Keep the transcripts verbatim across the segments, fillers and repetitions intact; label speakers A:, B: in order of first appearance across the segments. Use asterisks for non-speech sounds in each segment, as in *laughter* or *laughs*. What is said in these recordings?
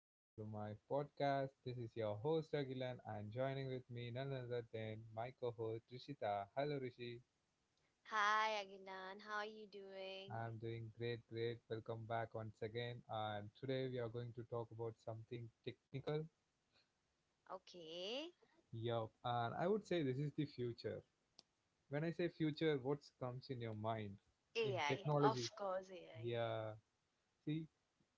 A: episode of my podcast. This is your host Agilan and joining with me none other than my co-host Rishita. Hello Rishi.
B: Hi, Agilan. How are you doing?
A: I'm doing great, great. Welcome back once again. And today we are going to talk about something technical.
B: Okay.
A: Yup. And I would say this is the future. When I say future, what comes in your mind? In
B: A I.
A: technology.
B: Of course, A I.
A: Yeah. See,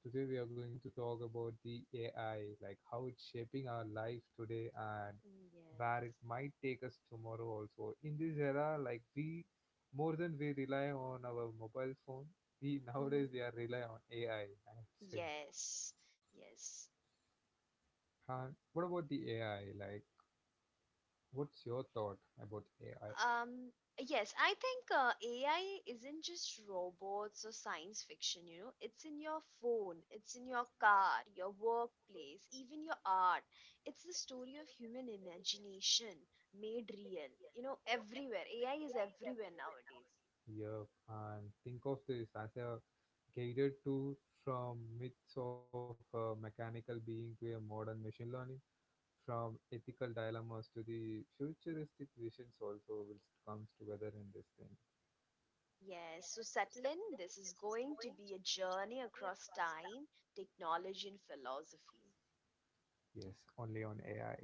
A: today we are going to talk about the A I, like how it's shaping our life today and
B: Yes.
A: where it might take us tomorrow also. In this era, like we more than we rely on our mobile phone, we *laughs*
B: hmm
A: nowadays we are rely on A I, I I would say.
B: Yes. Yes.
A: And what about the A I? Like what's your thought about A I
B: Um, yes, I think uh, A I isn't just robots or science fiction, you know. It's in your phone, it's in your car, your workplace, even your art. It's the story of human imagination made real. You know, everywhere. A I is everywhere nowadays.
A: here? And think of this as a guided tool from myths of a mechanical being to a modern machine learning. From ethical dilemmas to the futuristic visions also will comes together in this thing.
B: Yes, so settle in. This is going to be a journey across time, technology, and philosophy.
A: Yes, only on A I.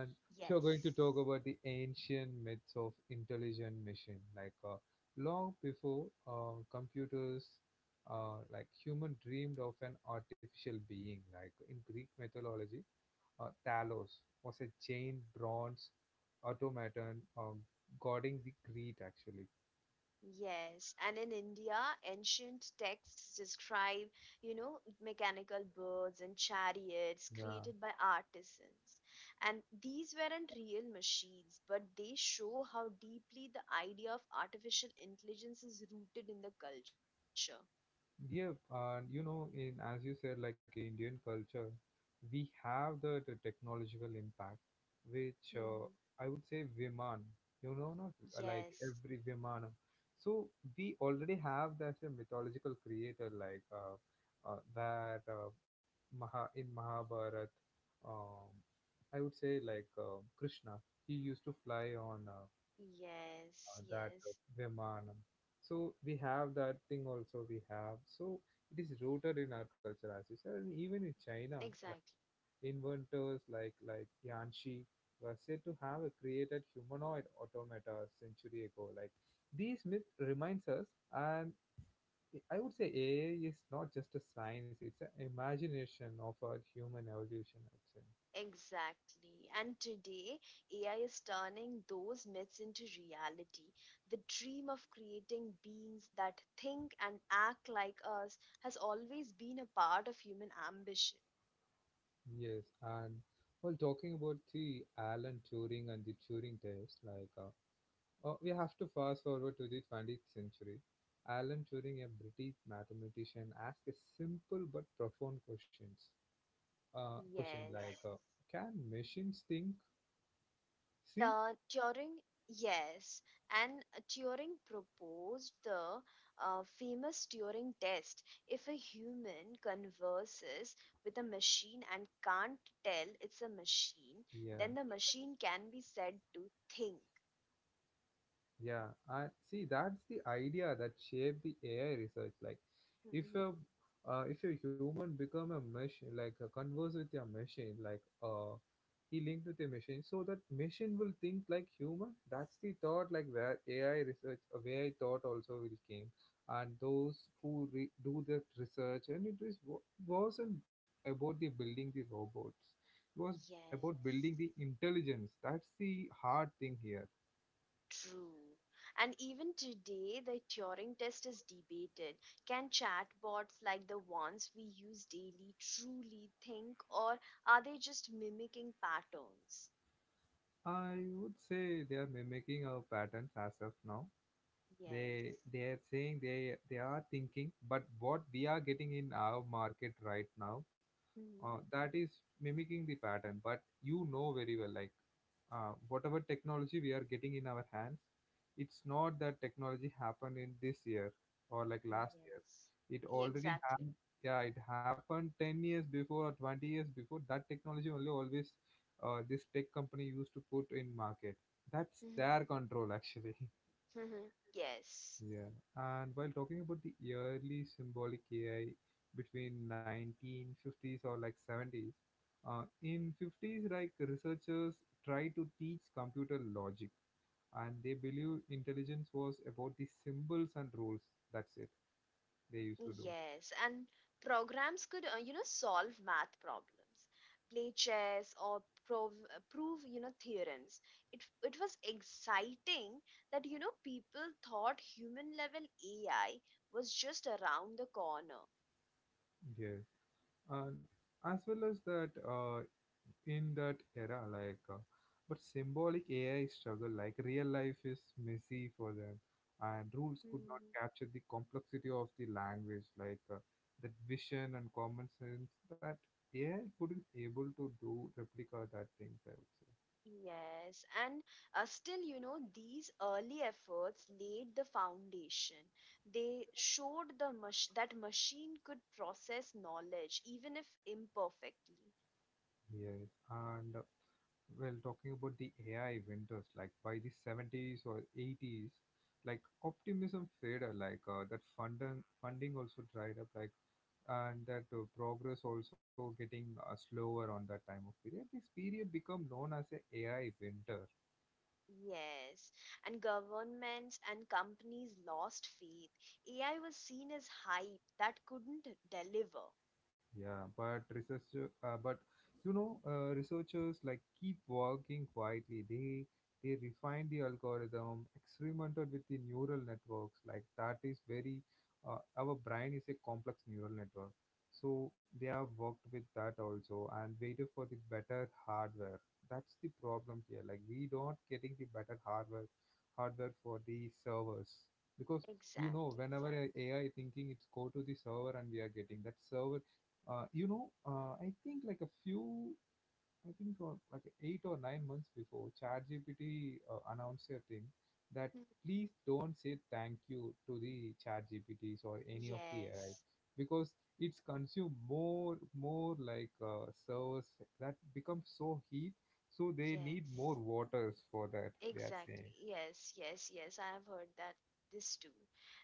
A: And if you're going to
B: Yes,
A: talk about the ancient myths of intelligent machine, like uh, long before uh, computers, uh, like human dreamed of an artificial being. Like in Greek mythology, uh, Talos was a giant bronze automaton um, guarding the Crete actually.
B: yes. And in India, ancient texts describe, you know, mechanical birds and chariots
A: Yeah.
B: created by artisans. And these weren't real machines, but they show how deeply the idea of artificial intelligence is rooted in the culture.
A: Yeah, and you know, in as you said, like in Indian culture, we have the, the technological impact, which uh,
B: hmm
A: I would say Viman, you know, not uh, like
B: Yes,
A: every Vimana. So we already have that a mythological creator, like uh, uh, that uh, Maha in Mahabharat. Um, I would say like uh, Krishna, he used to fly on uh,
B: yes,
A: uh, that uh,
B: yes.
A: Brahmanam. So we have that thing also we have. So it is rooted in our culture as you said. And even in China, like
B: Exactly.
A: inventors like like Yanxi were said to have created humanoid automata a century ago. Like these myth reminds us and I would say A I is not just a science, it's an imagination of our human evolution, I'd say.
B: Exactly. And today, A I is turning those myths into reality. The dream of creating beings that think and act like us has always been a part of human ambition.
A: Yes, and well, talking about the Alan Turing and the Turing test, like uh, Uh, we have to fast forward to the twentieth century. Alan Turing, a British mathematician, asked a simple but profound questions. Uh, question like,
B: Yes.
A: uh, can machines think? See?
B: Uh, Turing, yes, and Turing proposed the uh, famous Turing test. If a human converses with a machine and can't tell it's a machine,
A: Yeah.
B: then the machine can be said to think.
A: Yeah, and see, that's the idea that shaped the A I research. Like, if a
B: Mhm.
A: uh, if a human become a machine, like uh, converse with a machine, like uh, he linked with a machine, so that machine will think like human. That's the thought, like where A I research, uh, where A I thought also will came, and those who re- do that research, and it is wa- wasn't about the building the robots. It was about
B: Yes.
A: building the intelligence. That's the hard thing here.
B: True. And even today, the Turing test is debated. Can chatbots like the ones we use daily truly think, or are they just mimicking patterns?
A: I would say they are mimicking our patterns as of now. They
B: Yes.
A: they are saying they they are thinking, but what we are getting in our market right now, uh,
B: Mhm.
A: that is mimicking the pattern. But you know very well, like uh, whatever technology we are getting in our hands, it's not that technology happened in this year or like last year,
B: Yes.
A: it
B: Yeah,
A: already
B: exactly.
A: happened. Yeah, it happened ten years before or twenty years before. That technology only always uh, this tech company used to put in market. That's
B: Mhm.
A: their control actually.
B: Mhm. Yes.
A: Yeah, and while talking about the early symbolic A I between nineteen fifties or like seventies, uh, in fifties, like researchers try to teach computer logic, and they believe intelligence was about the symbols and rules. That's it. They used to do.
B: Yes, and programs could, uh, you know, solve math problems, play chess, or prove, uh, prove, you know, theorems. It it was exciting that, you know, people thought human level A I was just around the corner.
A: Yeah. And as well as that uh, in that era like uh, but symbolic AI struggle, like real life is messy for them, and rules could not
B: hmm
A: capture the complexity of the language, like uh, that vision and common sense. That AI couldn't able to do replica that things, I would say.
B: Yes, and uh, still, you know, these early efforts laid the foundation. They showed the mach- that machine could process knowledge, even if imperfectly.
A: Yes, and well, talking about the AI winters, like by the seventies or eighties, like optimism faded, like uh, that funding funding also dried up, like, and that uh, progress also getting uh, slower on that time of period. This period become known as a AI winter.
B: Yes, and governments and companies lost faith. A I was seen as hype that couldn't deliver.
A: Yeah, but researcher, uh, but you know, uh, researchers like keep working quietly. They they refine the algorithm, experimented with the neural networks. Like that is very, uh, our brain is a complex neural network. So they have worked with that also and waited for the better hardware. That's the problem here. Like we don't getting the better hardware, hardware for the servers, because you know
B: Exact.
A: whenever a AI thinking it's go to the server and we are getting that server. uh, you know, uh, I think like a few, I think uh, like eight or nine months before, ChatGPT uh, announced a thing that
B: Mhm.
A: please don't say thank you to the ChatGPTs or any of the A I,
B: Yes,
A: because it's consume more, more like uh, servers, that become so heat, so they need more
B: yes,
A: waters for that. They are
B: exactly.
A: saying.
B: Yes, yes, yes. I have heard that this too.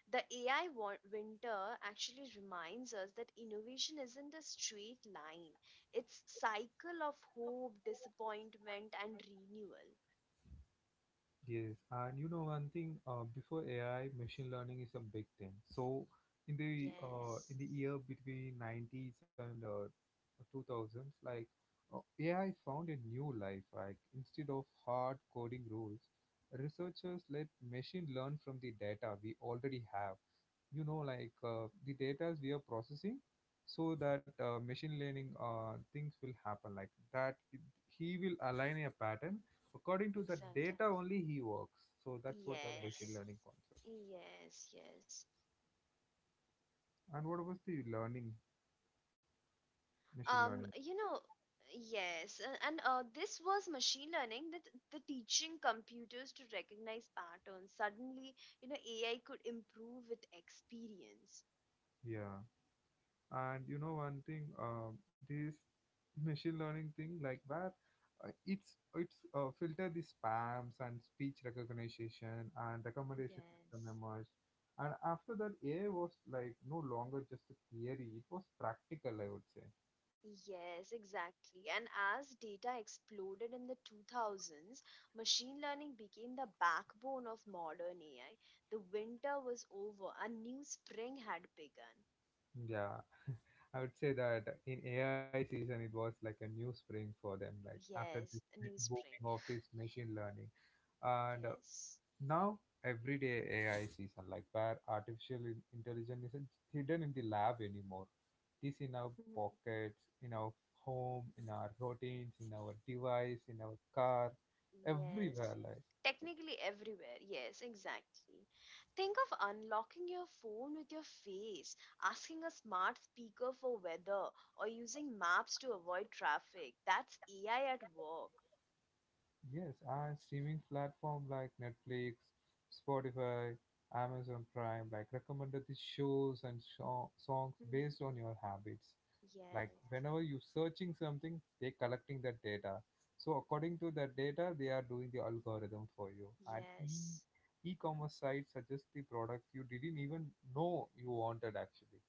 B: The A I wa- winter actually reminds us that innovation isn't a straight line. It's cycle of hope, disappointment, and renewal.
A: Yes, and you know one thing, uh, before A I, machine learning is a big thing. So in the uh, in the
B: Yes,
A: year between nineties and uh, two thousands, like uh, A I found a new life. Like instead of hard coding rules, researchers let machine learn from the data we already have. You know, like uh, the data we are processing, so that uh, machine learning uh, things will happen, like that it, he will align a pattern. According to the data only
B: exactly.
A: he works. So that's what a machine learning
B: Yes.
A: concept.
B: Yes, yes.
A: And what was the learning machine learning?
B: Um, you know, yes, a- and uh, this was machine learning that the teaching computers to recognize patterns. Suddenly, you know, A I could improve with experience.
A: Yeah, and you know one thing, um, this *laughs* machine learning thing, like where uh, it's it's uh, filter the spams and speech recognition and recommendation system
B: Yes.
A: emerged. And after that, AI was like no longer just a theory, it was practical, I would say.
B: Yes, exactly. And as data exploded in the two thousands, machine learning became the backbone of modern A I. The winter was over, a new spring had begun.
A: Yeah, I would say that in AI season it was like a new spring for them. Like after this
B: Yes, a new spring.
A: booming of this machine learning and uh,
B: Yes.
A: now, everyday A I season, like where artificial in- intelligence isn't hidden in the lab anymore. It is in our
B: Mhm.
A: pockets, in our home, in our routines, in our device, in our car, everywhere.
B: Yes.
A: Like,
B: Technically everywhere. Yes, exactly. Think of unlocking your phone with your face, asking a smart speaker for weather, or using maps to avoid traffic. That's A I at work.
A: yes, and streaming platform like Netflix, Spotify, Amazon Prime, like recommended the shows and sho- songs
B: Mhm.
A: based on your habits. Like
B: Yes.
A: whenever you're searching something, they're collecting that data. So according to that data, they are doing the algorithm for you. And e
B: Yes.
A: e-commerce sites suggest the products you didn't even know you wanted actually.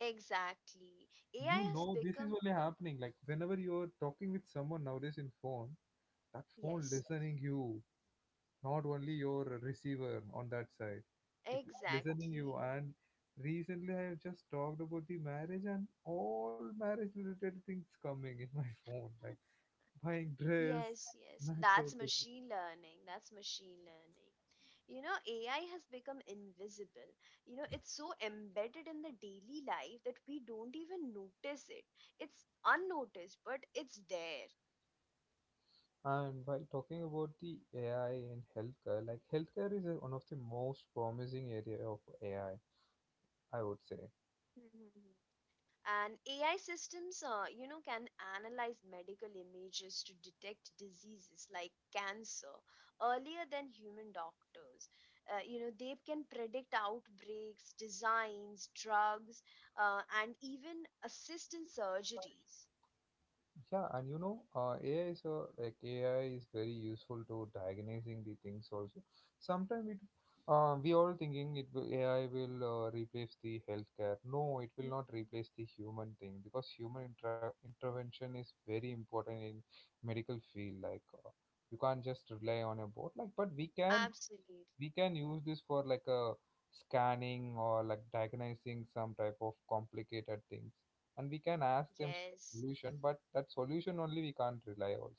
B: Exactly. A I
A: You
B: has
A: know this is
B: become.
A: only happening. Like whenever you're talking with someone nowadays in phone, that phone
B: Yes,
A: listening you, not only your receiver on that side, it listening you.
B: exactly.
A: And recently I have just talked about the marriage and all marriage related things coming in *laughs* my phone, like buying dress,
B: Yes, yes, that's
A: makeup.
B: machine learning. That's machine learning. You know, A I has become invisible. You know, it's so embedded in the daily life that we don't even notice it. It's unnoticed, but it's there.
A: And while talking about the AI and healthcare, like healthcare is uh, one of the most promising area of AI, i I would say.
B: *laughs* And AI systems uh, you know, can analyze medical images to detect diseases like cancer earlier than human doctors. Uh, you know, they can predict outbreaks, designs drugs, uh, and even assist in surgeries.
A: Yeah, and you know, uh, A I is a, like A I is very useful to diagnosing the things also. Sometimes it, uh, we all thinking it will, A I will uh, replace the healthcare. No, it will not
B: Mhm.
A: replace the human thing, because human intra- intervention is very important in medical field. Like uh, you can't just rely on a bot. Like, but we can
B: Absolutely.
A: we can use this for like a scanning or like diagnosing some type of complicated things, and we can ask them
B: Yes.
A: solution, but that solution only we can't rely also.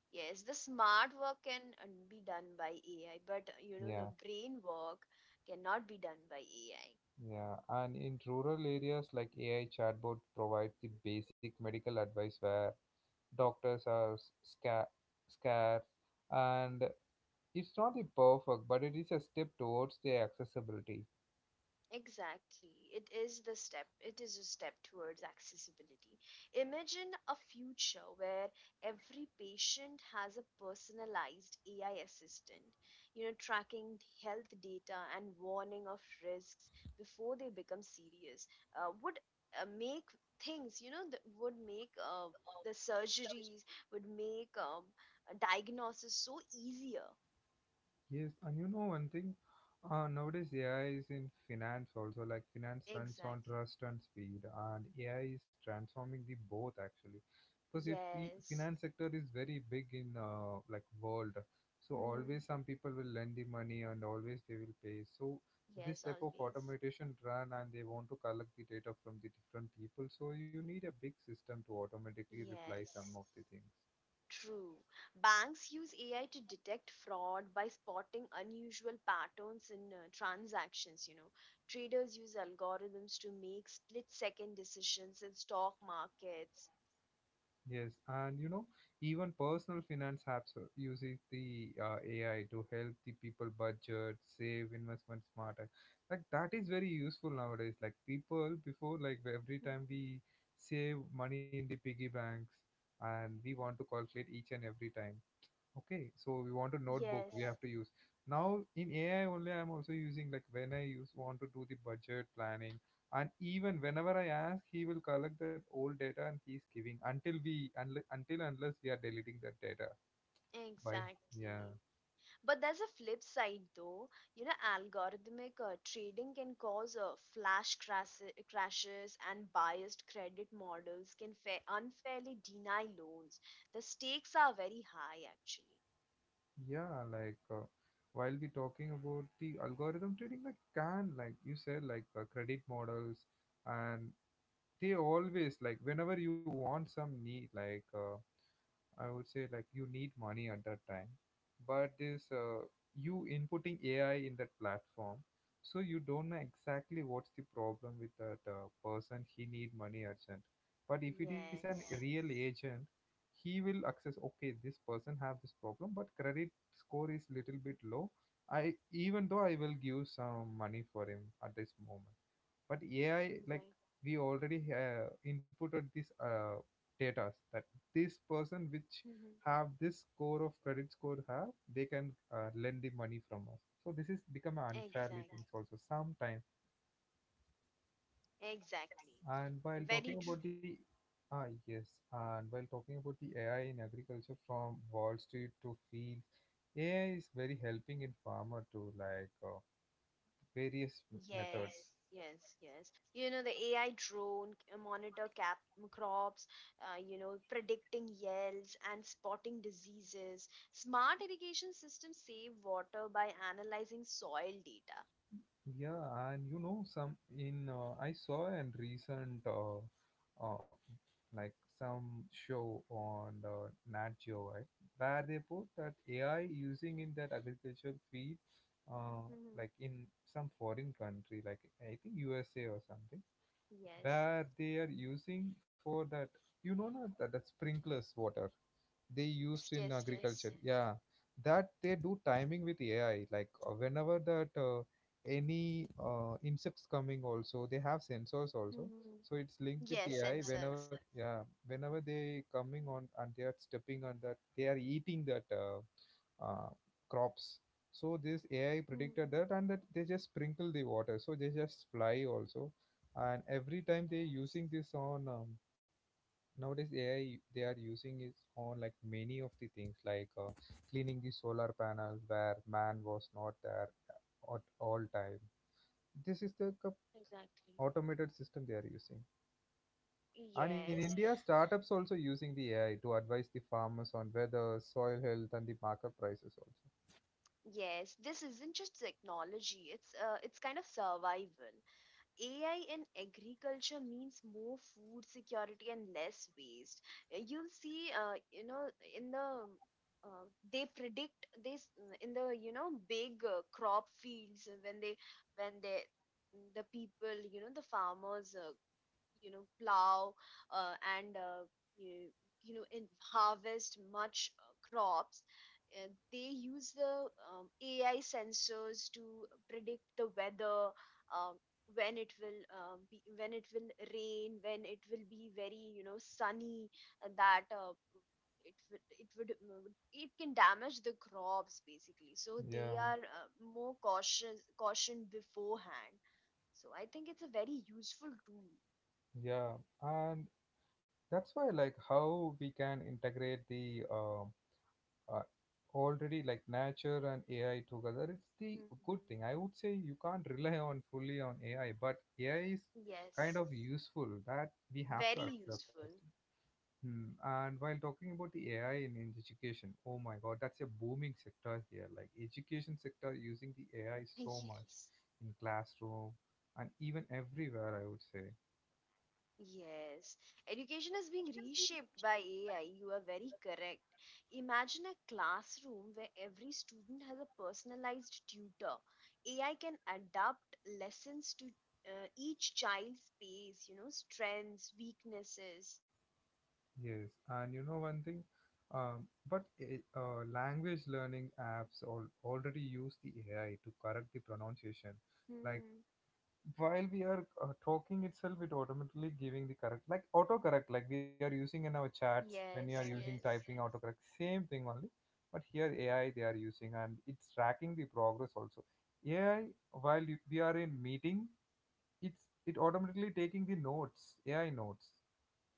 B: Yes. The smart work can uh, be done by A I, but uh, you know,
A: Yeah,
B: the brain work cannot be done by A I.
A: yeah, and in rural areas, like AI chatbot provides the basic medical advice where doctors are s- sca- scarce. And it's not the perfect, but it is a step towards the accessibility.
B: Exactly. It is the step, it is a step towards accessibility. Imagine a future where every patient has a personalized A I assistant, you know, tracking health data and warning of risks before they become serious. Uh, would uh, make things, you know, that would make uh, the surgeries, would make um, a diagnosis so easier.
A: Yes, and you know one thing, uh, nowadays A I is in finance also. Like finance runs on
B: Exactly.
A: trust and speed, and A I is transforming the both actually. Because if the
B: Yes.
A: finance sector is very big in uh, like world, so
B: hmm
A: always some people will lend the money and always they will pay. So this
B: Yes,
A: type of
B: always.
A: automation run and they want to collect the data from the different people. So you need a big system to automatically reply some of
B: Yes,
A: the things.
B: true. Banks use A I to detect fraud by spotting unusual patterns in uh, transactions, you know. Traders use algorithms to make split-second decisions in stock markets.
A: Yes, and you know, even personal finance apps uh, uses the uh, A I to help the people budget, save, investment smarter. Like that is very useful nowadays. Like people before, like every
B: Mhm.
A: time we save money in the piggy banks, and we want to calculate each and every time, okay, so we want a notebook we have
B: Yes,
A: to use. Now in AI only, I'm also using, like when I use want to do the budget planning, and even whenever I ask, he will collect that old data and he's giving until we unle- until unless we are deleting that data by. Yeah,
B: exactly. But there's a flip side though. You know, algorithmic uh, trading can cause uh, flash crash- crashes and biased credit models can fa- unfairly deny loans. The stakes are very high actually.
A: yeah, like uh, while we talking about the algorithm trading, like, can, like you said, like uh, credit models, and they always, like whenever you want some need, like uh, I would say like you need money at that time, but this uh, you inputting A I in that platform, so you don't know exactly what's the problem with that uh, person. He need money urgent, but if it is an real
B: Yes.
A: agent, he will access. Okay, this person have this problem, but credit score is little bit low. I, even though I will give some money for him at this moment, but AI, like,
B: Exactly.
A: we already uh, inputted this uh, data that this person
B: Mm-hmm.
A: which have this score of credit score have, they can uh, lend the money from us, so this is become an
B: Exactly.
A: unfairly things also sometimes.
B: Exactly.
A: And while
B: Very
A: talking about the,
B: true.
A: ah, yes, and while talking about the A I in agriculture, from Wall Street to fields, A I is very helping in farmer to like uh, various m- methods.
B: Yes, yes, yes. You know, the A I drone c- monitor cap crops, uh, you know, predicting yields and spotting diseases. Smart irrigation systems save water by analyzing soil data.
A: Yeah, and you know, some in uh, I saw in recent uh, uh, like some show on uh, Nat Geo, right, where they put that A I using in that agricultural field, uh,
B: hmm
A: like in some foreign country, like I think U S A or something,
B: Yes.
A: where they are using for that, you know, not that, that sprinklers water they used
B: Yes,
A: in
B: yes,
A: agriculture,
B: yes.
A: yeah, that they do timing with AI, like uh, whenever that uh, any uh, insects coming also, they have sensors also,
B: hmm
A: so it's linked
B: Yes,
A: with AI
B: sensors.
A: whenever, yeah, whenever they coming on and they are stepping on that, they are eating that uh, uh, crops, so this AI
B: hmm
A: predicted that, and that they just sprinkle the water, so they just fly also. And every time they
B: Yes,
A: using this on um, nowadays A I they are using is on like many of the things, like uh, cleaning the solar panels where man was not there at all time. This is the co-
B: exactly.
A: automated system they are using. And in
B: Yes,
A: India, startups also using the A I to advise the farmers on weather, soil health, and the market prices also.
B: yes. This isn't just technology. It's uh, it's kind of survival. A I in agriculture means more food security and less waste. Uh, You'll see, uh, you know, in the uh, they predict this, mm, in the, you know, big uh, crop fields, uh, when they, when they mm, the people, you know, the farmers, uh, you know, plow, uh, and uh, you, you know, in harvest much uh, crops, uh, they use the um, AI sensors to predict the weather, um, when it will, um, be, when it will rain, when it will be very, you know, sunny, uh, that uh, it would, it would mm, it can damage the crops basically, so
A: Yeah,
B: they are uh, more cautious caution beforehand. So I think it's a very useful tool.
A: yeah, and that's why, like, how we can integrate the um uh, already, like, nature and A I together, it's the good
B: Mhm.
A: thing. I would say you can't rely on fully on A I, but A I is kind
B: Yes,
A: of useful that we have to
B: very
A: accept it.
B: useful.
A: Hmm. And while talking about the A I in, in education, oh my God, that's a booming sector here. Like, education sector using the A I so
B: *laughs*
A: much
B: Yes,
A: in classroom and even everywhere, I would say.
B: yes. Education is being reshaped by A I. You are very correct. Imagine a classroom where every student has a personalized tutor. A I can adapt lessons to uh, each child's pace, you know, strengths, weaknesses.
A: Yes, and you know one thing, um, but a- uh, language learning apps all, already use the A I to correct the pronunciation. Like,
B: hmm
A: while we are uh, talking itself, it automatically giving the correct, like autocorrect, like we are using in our chats when you are
B: Yes,
A: using, yes, typing
B: yes,
A: autocorrect, same thing only. But here A I they are using, and it's tracking the progress also. A I while you, we are in meeting, it's it automatically taking the notes, A I notes.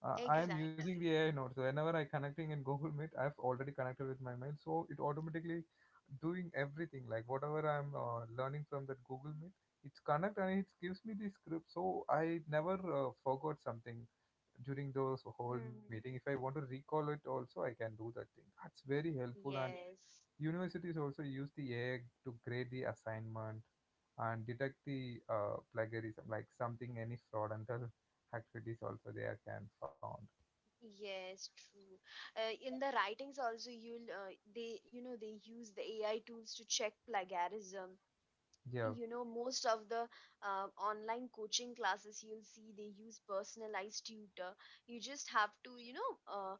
A: uh, I am using the
B: exactly.
A: AI now, so whenever I connecting in Google Meet, I've already connected with my mail, so it automatically doing everything, like whatever I'm uh, learning from that Google Meet, it's connect and it gives me the script, so I never uh, forgot something during those whole
B: hmm
A: meeting. If I want to recall it also, I can do that thing. That's very helpful. And
B: Yes.
A: universities also use the AI to grade the assignment and detect the uh, plagiarism, like something, any fraudulent activities also, they are can found.
B: Yes, true. Uh, in the writings also, you'll uh, they, you know, they use the A I tools to check plagiarism.
A: Yeah,
B: You know, most of the uh, online coaching classes, you'll see they use personalized tutor. You just have to, you know, uh,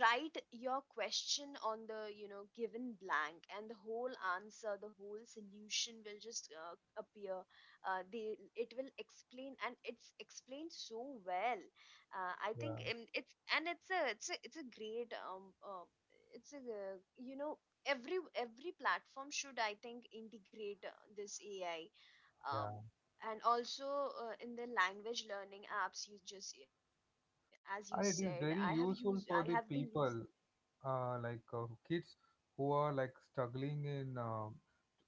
B: write your question on the, you know, given blank and the whole answer, the whole solution will just uh, appear. Uh, they, it will explain and it's explained so well. uh, I think
A: yeah,
B: um, it's and it's a it's a it's a great um uh, it's a uh, you know, every every platform should, I think, integrate uh, this AI. um
A: yeah.
B: and also uh, in the language learning apps, you just, as you said, I have
A: And it is
B: used,
A: very
B: I have been
A: useful for
B: using.
A: the people, uh, like uh, kids who are like struggling in um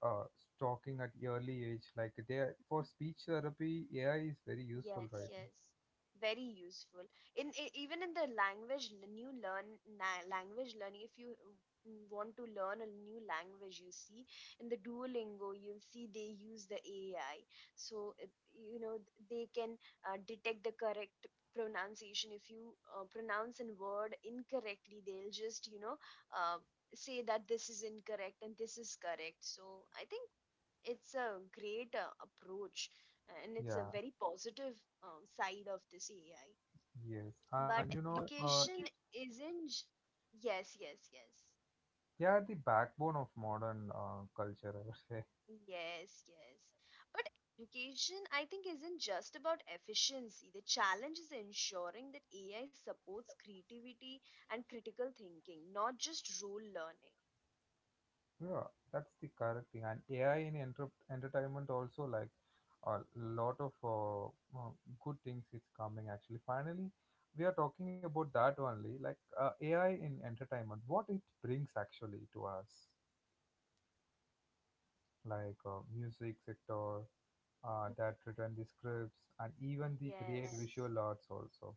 A: uh, talking at early age. Like, they are- for speech therapy, A I is very
B: Yes,
A: useful right
B: yes.
A: now.
B: Very useful. In e- even in the language, the new learn na language learning, if you uh, mm, want to learn a new language, you see in the Duolingo, you'll see they use the A I. So, it- you know, th- they can uh, detect the correct pronunciation. If you uh, pronounce a word incorrectly, they'll just, you know, uh, say that this is incorrect and this is correct. So, I think it's a great uh, approach and it's a
A: Yeah,
B: very positive uh, side of this A I.
A: yes. And you
B: But
A: know, uh,
B: education isn't. J- Yes, yes, yes.
A: they are the backbone of modern uh, culture, I would say.
B: Yes, yes. But education, I think, isn't just about efficiency. The challenge is ensuring that A I supports creativity and critical thinking, not just rule learning.
A: Yeah, that's the correct thing. And A I in enter- entertainment also, like, a lot of uh, uh, good things is coming actually. Finally, we are talking about that only, like uh, A I in entertainment, what it brings actually to us, like uh, music sector, uh, that
B: *laughs*
A: written the scripts and even the create
B: Yes.
A: visual arts also.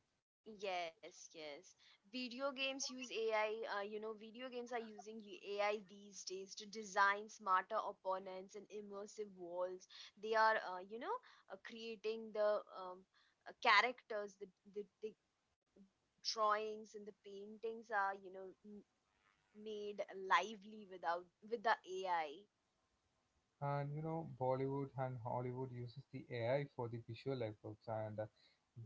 B: Yes, yes. Video games use A I. Uh, you know, video games are using y- A I these days to design smarter opponents and immersive walls. They are, uh, you know, uh, creating the um, uh, characters, the, the the drawings and the paintings are, you know, m made lively without with the A I.
A: And you know, Bollywood and Hollywood uses the AI for the visual effects and uh,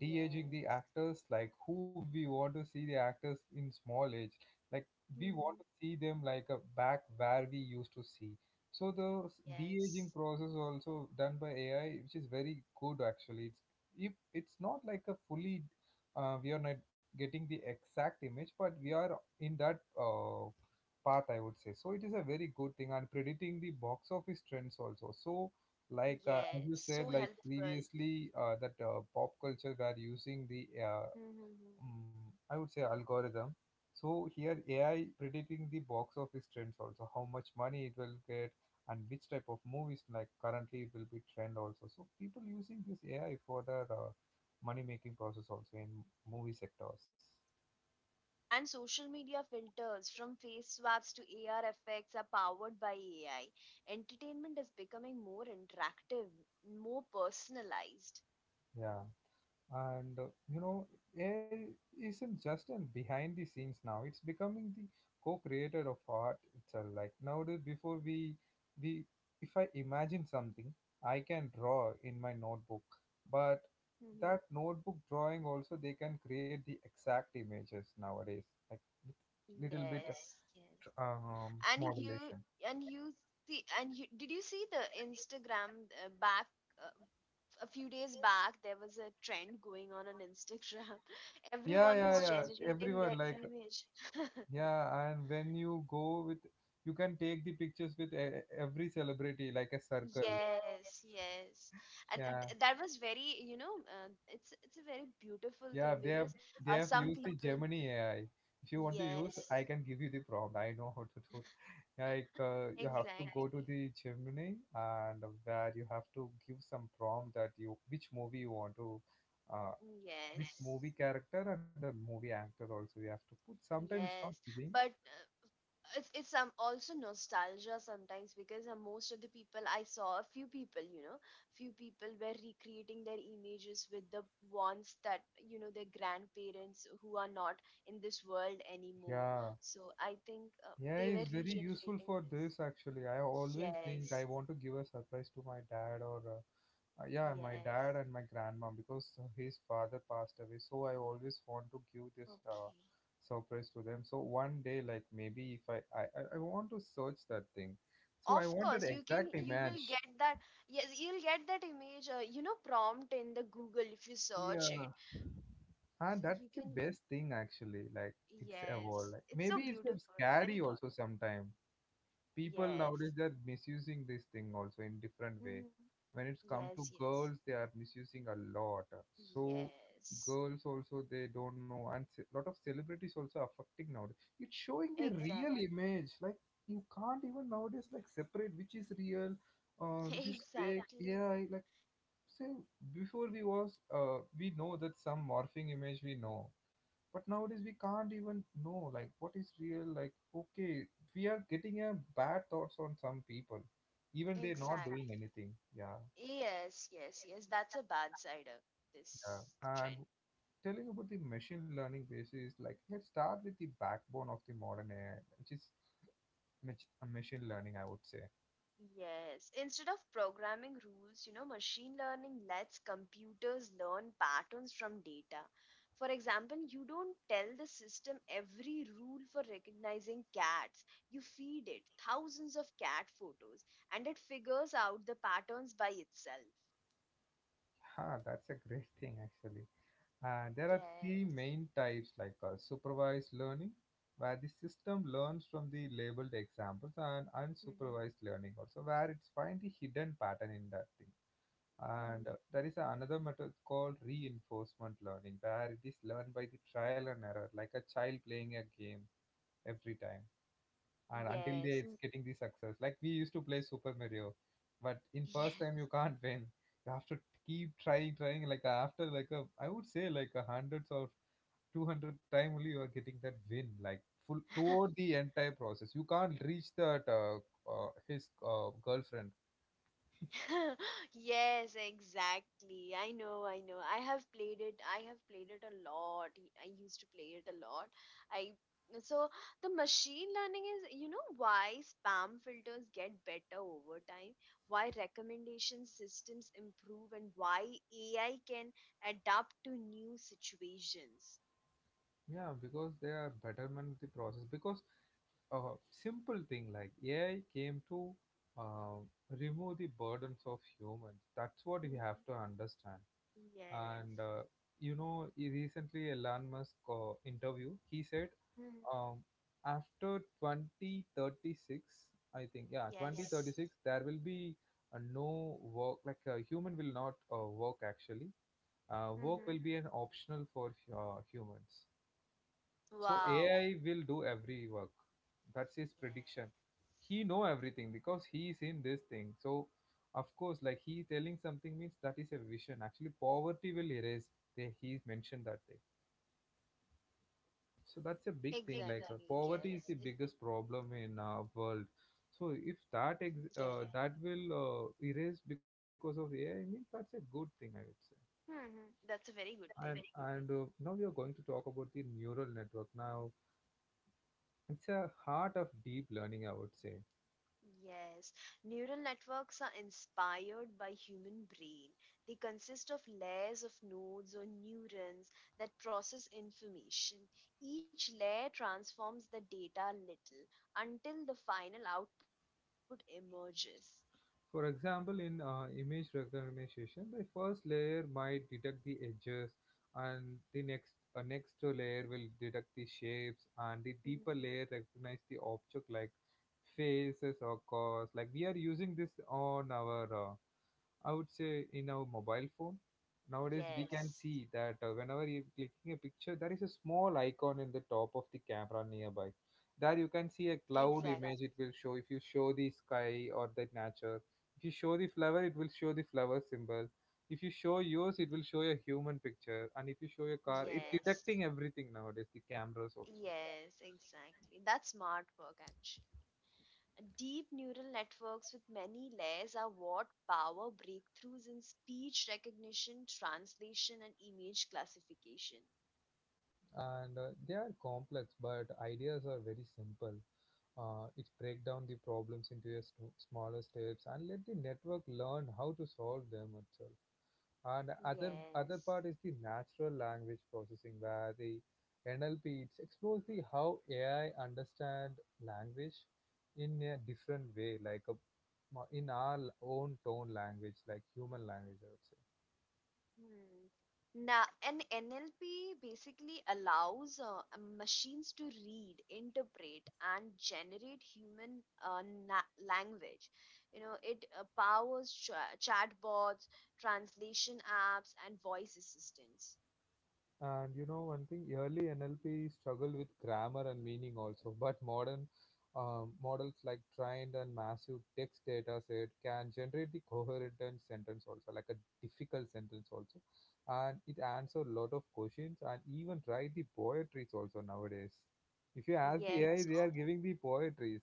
A: de-aging the
B: Yes.
A: actors, like who we want to see the actors in small age, like we want
B: hmm
A: to see them like a back where we used to see. So the s- de-aging
B: Yes.
A: process also done by AI, which is very good actually. It's, if it's not like a fully, uh, we are not getting the exact image, but we are in that uh, part, I would say. So it is a very good thing, and predicting the box office trends also. So like uh, as
B: Yes.
A: you
B: So
A: said, like
B: helpful.
A: previously uh, that uh, pop culture were using the uh,
B: hmm
A: mm, I would say algorithm. So here AI predicting the box office trends also, how much money it will get and which type of movies, like currently it will be trend also, so people using this AI for their uh, money making process also in movie sectors.
B: And social media filters from face swaps to A R effects are powered by A I. Entertainment is becoming more interactive, more personalized.
A: Yeah, and uh, you know, A I isn't just in behind the scenes now, it's becoming the co-creator of art itself. Like, nowadays, before we we if I imagine something, I can draw in my notebook, but
B: hmm
A: that notebook drawing also they can create the exact images nowadays, like with little bit of,
B: Yes, yes.
A: um,
B: And you
A: modulation.
B: and you see, and you, did you see the Instagram, uh, back uh, a few days back there was a trend going on on Instagram. *laughs*
A: Yeah,
B: Everyone
A: yeah,
B: was
A: yeah,
B: generating their
A: everyone like,
B: image.
A: yeah, and when you go with, you can take the pictures with e- every celebrity like a circle.
B: Yes, yes, and
A: Yeah,
B: th- that was very, you know, uh, it's it's a very beautiful
A: yeah.
B: thing
A: They have
B: because
A: they have
B: uh,
A: used
B: some
A: the
B: people,
A: Gemini A I. If you want to use,
B: yes,
A: I can give you the prompt. I know how to do. Like uh, you have to go to
B: exactly,
A: the Gemini, and where you have to give some prompt that you which movie you want to, uh, which
B: yes,
A: movie character and the movie actor also you have to put. Sometimes it's not
B: yes,
A: giving.
B: but uh, it's it's um also nostalgia sometimes because uh, most of the people I saw, a few people, you know, few people were recreating their images with the ones that, you know, their grandparents who are not in this world anymore.
A: Yeah.
B: So I think uh,
A: Yeah,
B: they
A: it's
B: were
A: very useful
B: regenerating
A: for this
B: this.
A: actually. I always think I
B: Yes,
A: want to give a surprise to my dad or uh, uh, yeah, my
B: yes,
A: dad and my grandma, because uh, his father passed away. So I always want to give this uh,
B: okay.
A: surprise to them. So one day, like maybe if I I, I I want to search that thing. So I
B: Of
A: want that
B: course, you can.
A: exact
B: You will
A: image.
B: get that. Yes, you'll get that image. Uh, you know, prompt in the Google if you search it.
A: Yeah,
B: So
A: and
B: you
A: that's the
B: can.
A: best thing actually. Like, it's evolved.
B: Yes,
A: Like
B: it's
A: maybe
B: so
A: it's uh,
B: beautiful,
A: scary
B: very thought.
A: also sometimes. People
B: Yes.
A: nowadays, they're misusing this thing also in different way.
B: hmm
A: When it's come to
B: Yes, yes.
A: girls, they are misusing a lot. So
B: Yes.
A: girls also, they don't know, and a lot of celebrities also affecting nowadays. It's showing the real
B: Exactly. *laughs*
A: image, like you can't even nowadays like separate which is real, uh, which is fake,
B: Exactly.
A: yeah, like say, before we was uh, we know that some morphing image we know, but nowadays we can't even know like what is real, like, okay, we are getting a bad thoughts on some people, even they're not
B: Exactly.
A: doing anything, yeah.
B: Yes, yes, yes. That's a bad side of
A: Yeah,
B: this
A: and
B: trend.
A: telling about the machine learning basis, like, let's start with the backbone of the modern AI, which is mach- uh, machine learning, I would say.
B: Yes, instead of programming rules, you know, machine learning lets computers learn patterns from data. For example, you don't tell the system every rule for recognizing cats. You feed it thousands of cat photos and it figures out the patterns by itself.
A: *laughs* Ha, that's a great thing actually. And there are three
B: Yes.
A: main types, like uh, supervised learning, where the system learns from the labeled examples, and
B: Mm-hmm.
A: unsupervised learning, also where it's find the hidden pattern in that thing.
B: Mm-hmm.
A: And uh, there is another method called reinforcement learning, where it is learned by the trial and error, like a child playing a game every time, and until they
B: Yes.
A: it's
B: mm,
A: getting the success. Like, we used to play Super Mario, but in first
B: Yes.
A: time you can't win. You have to keep trying, trying. Like, after, like a, I would say like a hundreds of two hundred time only you are getting that win, like full throughout
B: *laughs*
A: the entire process you can't reach that uh, uh, his uh, girlfriend.
B: *laughs* Yes, exactly. I know, I know. I have played it. I have played it a lot. I used to play it a lot. I So the machine learning is, you know, why spam filters get better over time, why recommendation systems improve, and why A I can adapt to new situations.
A: Yeah, because they are betterment the process, because uh, simple thing, like AI came to uh, remove the burdens of humans. That's what we
B: Mhm.
A: have to understand.
B: Yes.
A: And uh, you know, he recently a Elon Musk uh, interview, he said,
B: Mhm.
A: um, after twenty thirty-six, I think, yeah, yes,
B: Yes.
A: twenty thirty-six, there will be uh, no work, like uh, human will not uh, work actually. Uh, work
B: hmm
A: will be an optional for uh, humans, so
B: Wow.
A: AI will do every work. That's his prediction.
B: Yes.
A: He know everything because he is in this thing, so of course, like, he telling something means that is a vision. Actually, poverty will erase. They, he mentioned that thing, so that's a big thing. Like, uh,
B: Exactly,
A: poverty is
B: yes.
A: the
B: It
A: biggest problem in our world. So if that ex-
B: Yes.
A: uh, that will uh, erase because of AI, means that's a good thing, I would say.
B: hmm That's a very good
A: and
B: thing.
A: and uh, now we are going to talk about the neural network. Now it's a heart of deep learning, I would say.
B: Yes, neural networks are inspired by human brain. They consist of layers of nodes or neurons that process information. Each layer transforms the data little until the final output emerges.
A: For example, in uh, image recognition, the first layer might detect the edges, and the next a next layer will detect the shapes, and the
B: Mm.
A: deeper layer recognize the object like faces or cars. Like, we are using this on our uh, I would say, in our mobile phone. Nowadays, we can, yes,
B: Yes,
A: see that uh, whenever you're clicking a picture, there is a small icon in the top of the camera nearby. There you can see a cloud image,
B: exactly.
A: it, exactly, will show. If you show the sky or the nature, if you show the flower, it will show the flower symbol. If you show yours, it will show a human picture. And if you show your car, it's, yes,
B: Yes,
A: detecting everything nowadays, the cameras also.
B: yes, exactly. That's smart work. Deep neural networks with many layers are what power breakthroughs in speech recognition, translation, and image classification.
A: And uh, they are complex, but ideas are very simple. Uh, it break down the problems into a sm- smaller steps and let the network learn how to solve them itself. And other other
B: Yes.
A: part is the natural language processing, where the N L P, it explores the how A I understand language in a different way, like a, in our own tone language, like human language, I would say.
B: Hmm. Now, an N L P basically allows uh, machines to read, interpret, and generate human uh, na- language. You know, it uh, powers cha- chatbots, translation apps, and voice assistants.
A: And you know, one thing, early N L P struggled with grammar and meaning also, but modern um, models like trained and massive text data set can generate the coherent and sentence also, like a difficult sentence also. And it answers a lot of questions and even write the poetries also nowadays. If you ask the A I,
B: Yes.
A: they are giving the poetries.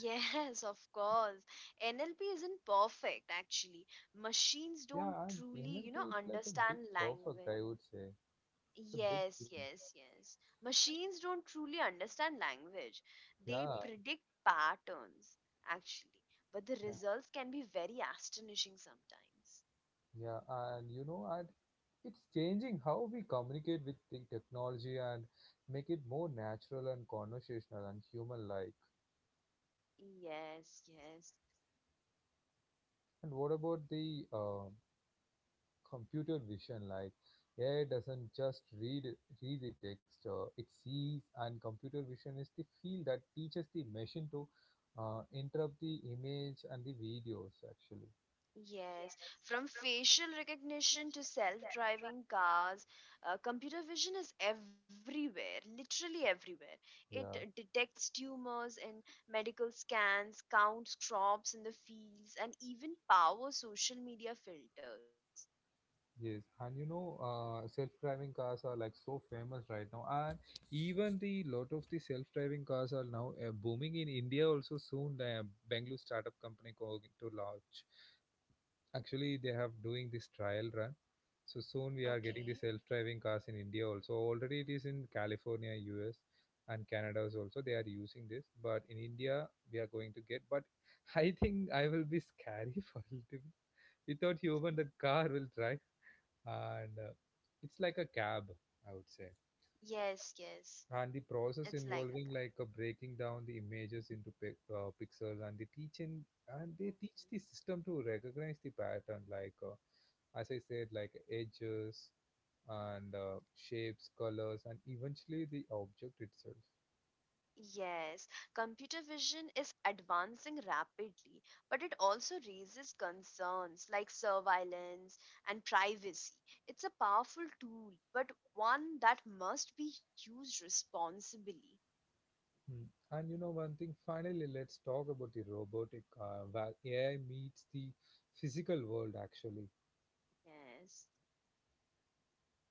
B: Yes, *laughs* of course. N L P isn't perfect, actually. Machines don't
A: Yeah, and
B: truly, you
A: N L P
B: know,
A: is like a big
B: understand
A: perfect,
B: language.
A: I would say. It's a big thing.
B: Yes, yes, yes. Machines don't truly understand language. They
A: Yeah,
B: predict patterns, actually. But the
A: yeah,
B: results can be very astonishing sometimes.
A: yeah. And you know, and it's changing how we communicate with the technology and make it more natural and conversational and human like.
B: Yes, yes.
A: And what about the uh, computer vision? Like, A I doesn't just read read the text, uh, it sees. And computer vision is the field that teaches the machine to uh, interrupt the image and the videos. Actually,
B: Yes, from facial recognition to self-driving cars, uh, computer vision is everywhere, literally everywhere. It
A: yeah.
B: detects tumors in medical scans, counts crops in the fields, and even power social media filters.
A: Yes, and you know, uh, self-driving cars are like so famous right now, and even the lot of the self-driving cars are now uh, booming in India. Also, soon the Bangalore startup company going to launch. Actually, they have doing this trial run, so soon we are getting
B: Okay.
A: the self-driving cars in India also. Already it is in California, U S, and Canada is also they are using this, but in India we are going to get. But *laughs* I think I will be scary *laughs* for a little bit. Without human, the car will drive, and uh, it's like a cab, I would say.
B: Yes, yes,
A: And the process
B: it's like a
A: involving like uh, breaking down the images into pic- uh, pixels and the teaching, and
B: car.
A: they teach the system to recognize the pattern like uh, as I said, like edges and uh, shapes, colors, and eventually the object itself.
B: Yes, computer vision is advancing rapidly, but it also raises concerns like surveillance and privacy. It's a powerful tool, but one that must be used responsibly.
A: Mm. And you know, one thing, finally let's talk about the robotic, uh, where AI meets the physical world actually.
B: Yes.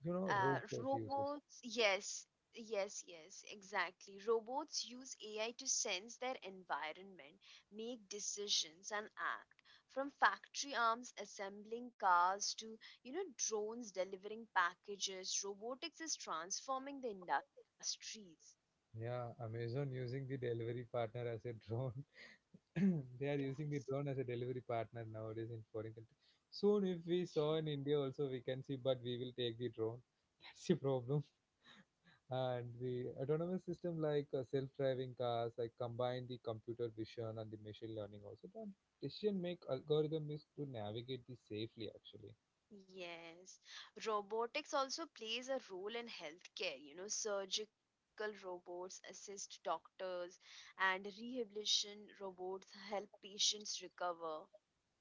A: You know,
B: Uh,
A: robot uses.
B: robots, yes, yes, yes, exactly. Robots use A I to sense their environment, make decisions, and act. From factory arms assembling cars to, you know, drones delivering packages, robotics is transforming the industries.
A: Yeah, Amazon using the delivery partner as a drone. *clears throat* They are using the
B: Yes.
A: drone as a delivery partner nowadays in foreign country. Soon, if we saw in India also, we can see, but we will take the drone. *laughs* That's the problem. And the autonomous system like uh, self-driving cars, like combine the computer vision and the machine learning also. The decision make algorithm is to navigate this safely actually.
B: Yes, robotics also plays a role in healthcare. You know, surgical robots assist doctors, and rehabilitation robots help patients recover.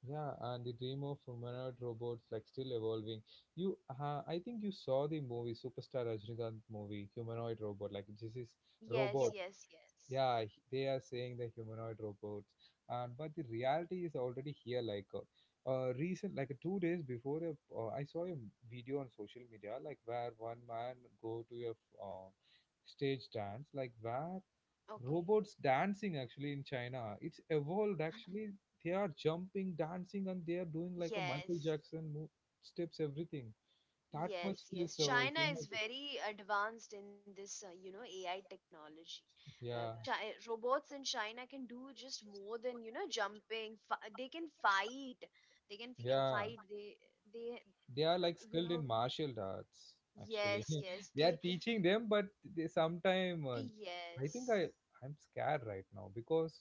A: Yeah, and the dream of humanoid robots like still evolving. You, uh, I think you saw the movie Superstar Rajinikanth movie humanoid robot. Like, this is, yes,
B: Yes,
A: robots.
B: yes, yes.
A: Yeah, h- they are saying the humanoid robots, and but the reality is already here. Like uh, uh, recent, like two days before, a, uh, I saw a video on social media like where one man go to a uh, stage dance, like where
B: Okay.
A: robots dancing actually in China. It's evolved actually. They are jumping, dancing, and they are doing like a Michael
B: Yes.
A: Jackson move, steps, everything. That much
B: Yes,
A: this,
B: yes.
A: uh,
B: China
A: you know,
B: is very advanced in this, uh, you know, A I technology. Uh,
A: yeah,
B: chi Robots in China can do just more than, you know, jumping. F They can fight. They can uh,
A: yeah.
B: fight. They, they,
A: They are
B: uh,
A: like
B: you
A: skilled in
B: know,
A: martial arts actually.
B: yes,
A: *laughs*
B: yes.
A: They are
B: They,
A: teaching them, but they sometime uh,
B: yes,
A: I think I I'm scared right now because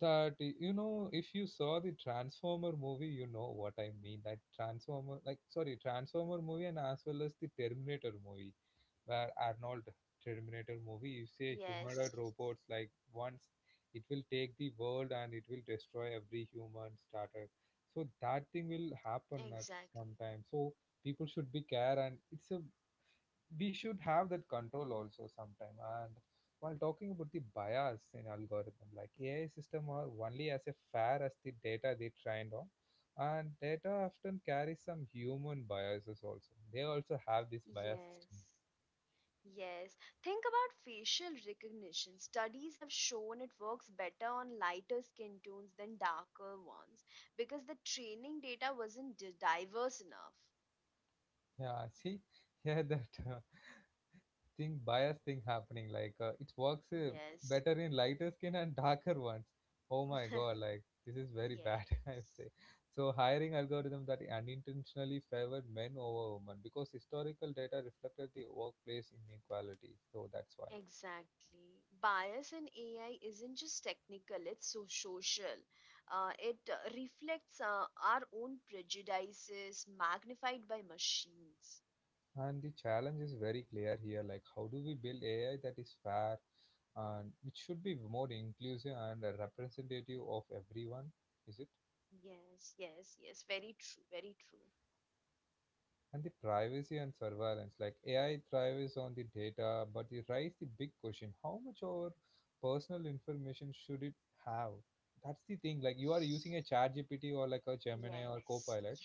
A: that y- you know, if you saw the transformer movie, you know what I mean, that transformer, like, sorry, transformer movie, and as well as the terminator movie, where Arnold terminator movie, you say
B: yes,
A: humanoid
B: yes.
A: robots. Like, once it will take the world and it will destroy every human starter, so that thing will happen at some
B: Exactly.
A: time. So people should be care, and it's a, we should have that control also sometime. And while talking about the bias in algorithm, like AI system are only as a fair as the data they trained on, and data often carries some human biases also. They also have this bias system.
B: Yes. Yes, think about facial recognition. Studies have shown it works better on lighter skin tones than darker ones because the training data wasn't di- diverse enough.
A: Yeah, *laughs* see, yeah, that *laughs* thing, bias thing happening. Like, uh, it works uh,
B: Yes. *laughs*
A: better in lighter skin and darker ones. Oh my god, like, this is very bad, *laughs* I would
B: Yes,
A: say. So hiring algorithm that unintentionally favored men over women because historical data reflected the workplace inequality, so that's why.
B: exactly. Bias in A I isn't just technical, it's so social. Uh, it uh, reflects uh, our own prejudices magnified by machines.
A: And the challenge is very clear here, like, how do we build AI that is fair, and it should be more inclusive and uh, representative of everyone. Is it?
B: Yes, yes, yes. Very true, very true.
A: And the privacy and surveillance, like, A I thrives on the data, but it raises the big question: how much our personal information should it have? That's the thing. Like, you are using a Chat G P T or like a Gemini or
B: Yes.
A: Copilot.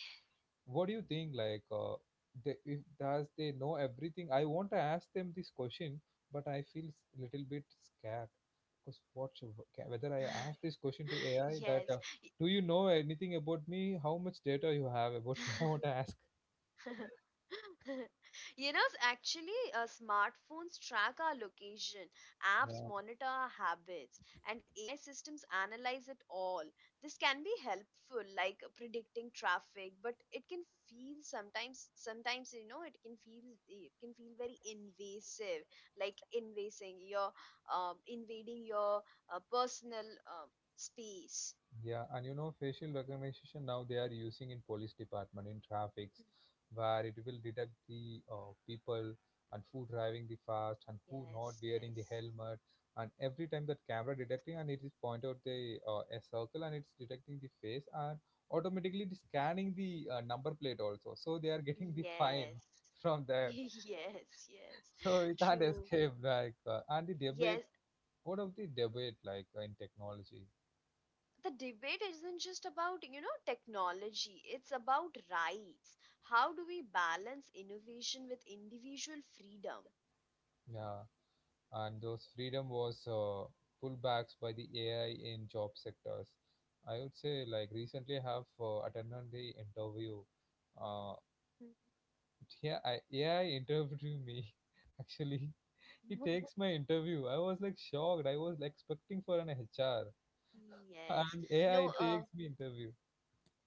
A: What do you think? Like, uh, they, if does they know everything? I want to ask them this question, but I feel s- little bit scared
B: Yeah. *laughs*
A: because what should, ca- whether I
B: Yes.
A: ask this question to A I that uh, do you know anything about me? How much data you have
B: *laughs*
A: about me? *laughs* I want to ask.
B: You know, actually, uh, smartphones track our location, apps monitor our habits, and A I systems analyze it all. This can be helpful, like uh, predicting traffic, but it can feel sometimes, sometimes, you know, it can feel, it can feel very invasive, like invasing your, um, invading your uh, personal uh, space.
A: Yeah, and you know, facial recognition, now they are using in police department in traffics, where it will detect the uh, people and who driving the fast and who not
B: Yes,
A: wearing the
B: yes,
A: helmet. And every time that camera detecting, and it is point out the uh, a circle, and it's detecting the face, and automatically it is scanning the uh, number plate also. So they are getting the fine
B: yes,
A: *laughs* from
B: *laughs*
A: there.
B: yes, yes.
A: So we can't
B: True.
A: escape, like uh, and the debate.
B: Yes,
A: What of the debate like uh, in technology?
B: the debate isn't just about, you know, technology. It's about rights. How do we balance innovation with individual freedom?
A: Yeah. And those freedom was uh, pullbacks by the A I in job sectors. I would say, like, recently I have uh, attended the interview.
B: Hmm.
A: Uh, yeah, I, A I interviewed me. *laughs* Actually,
B: *laughs*
A: he takes my interview. I was like shocked. I was like, expecting for an H R,
B: Yes.
A: and
B: No,
A: A I
B: uh,
A: takes me interview.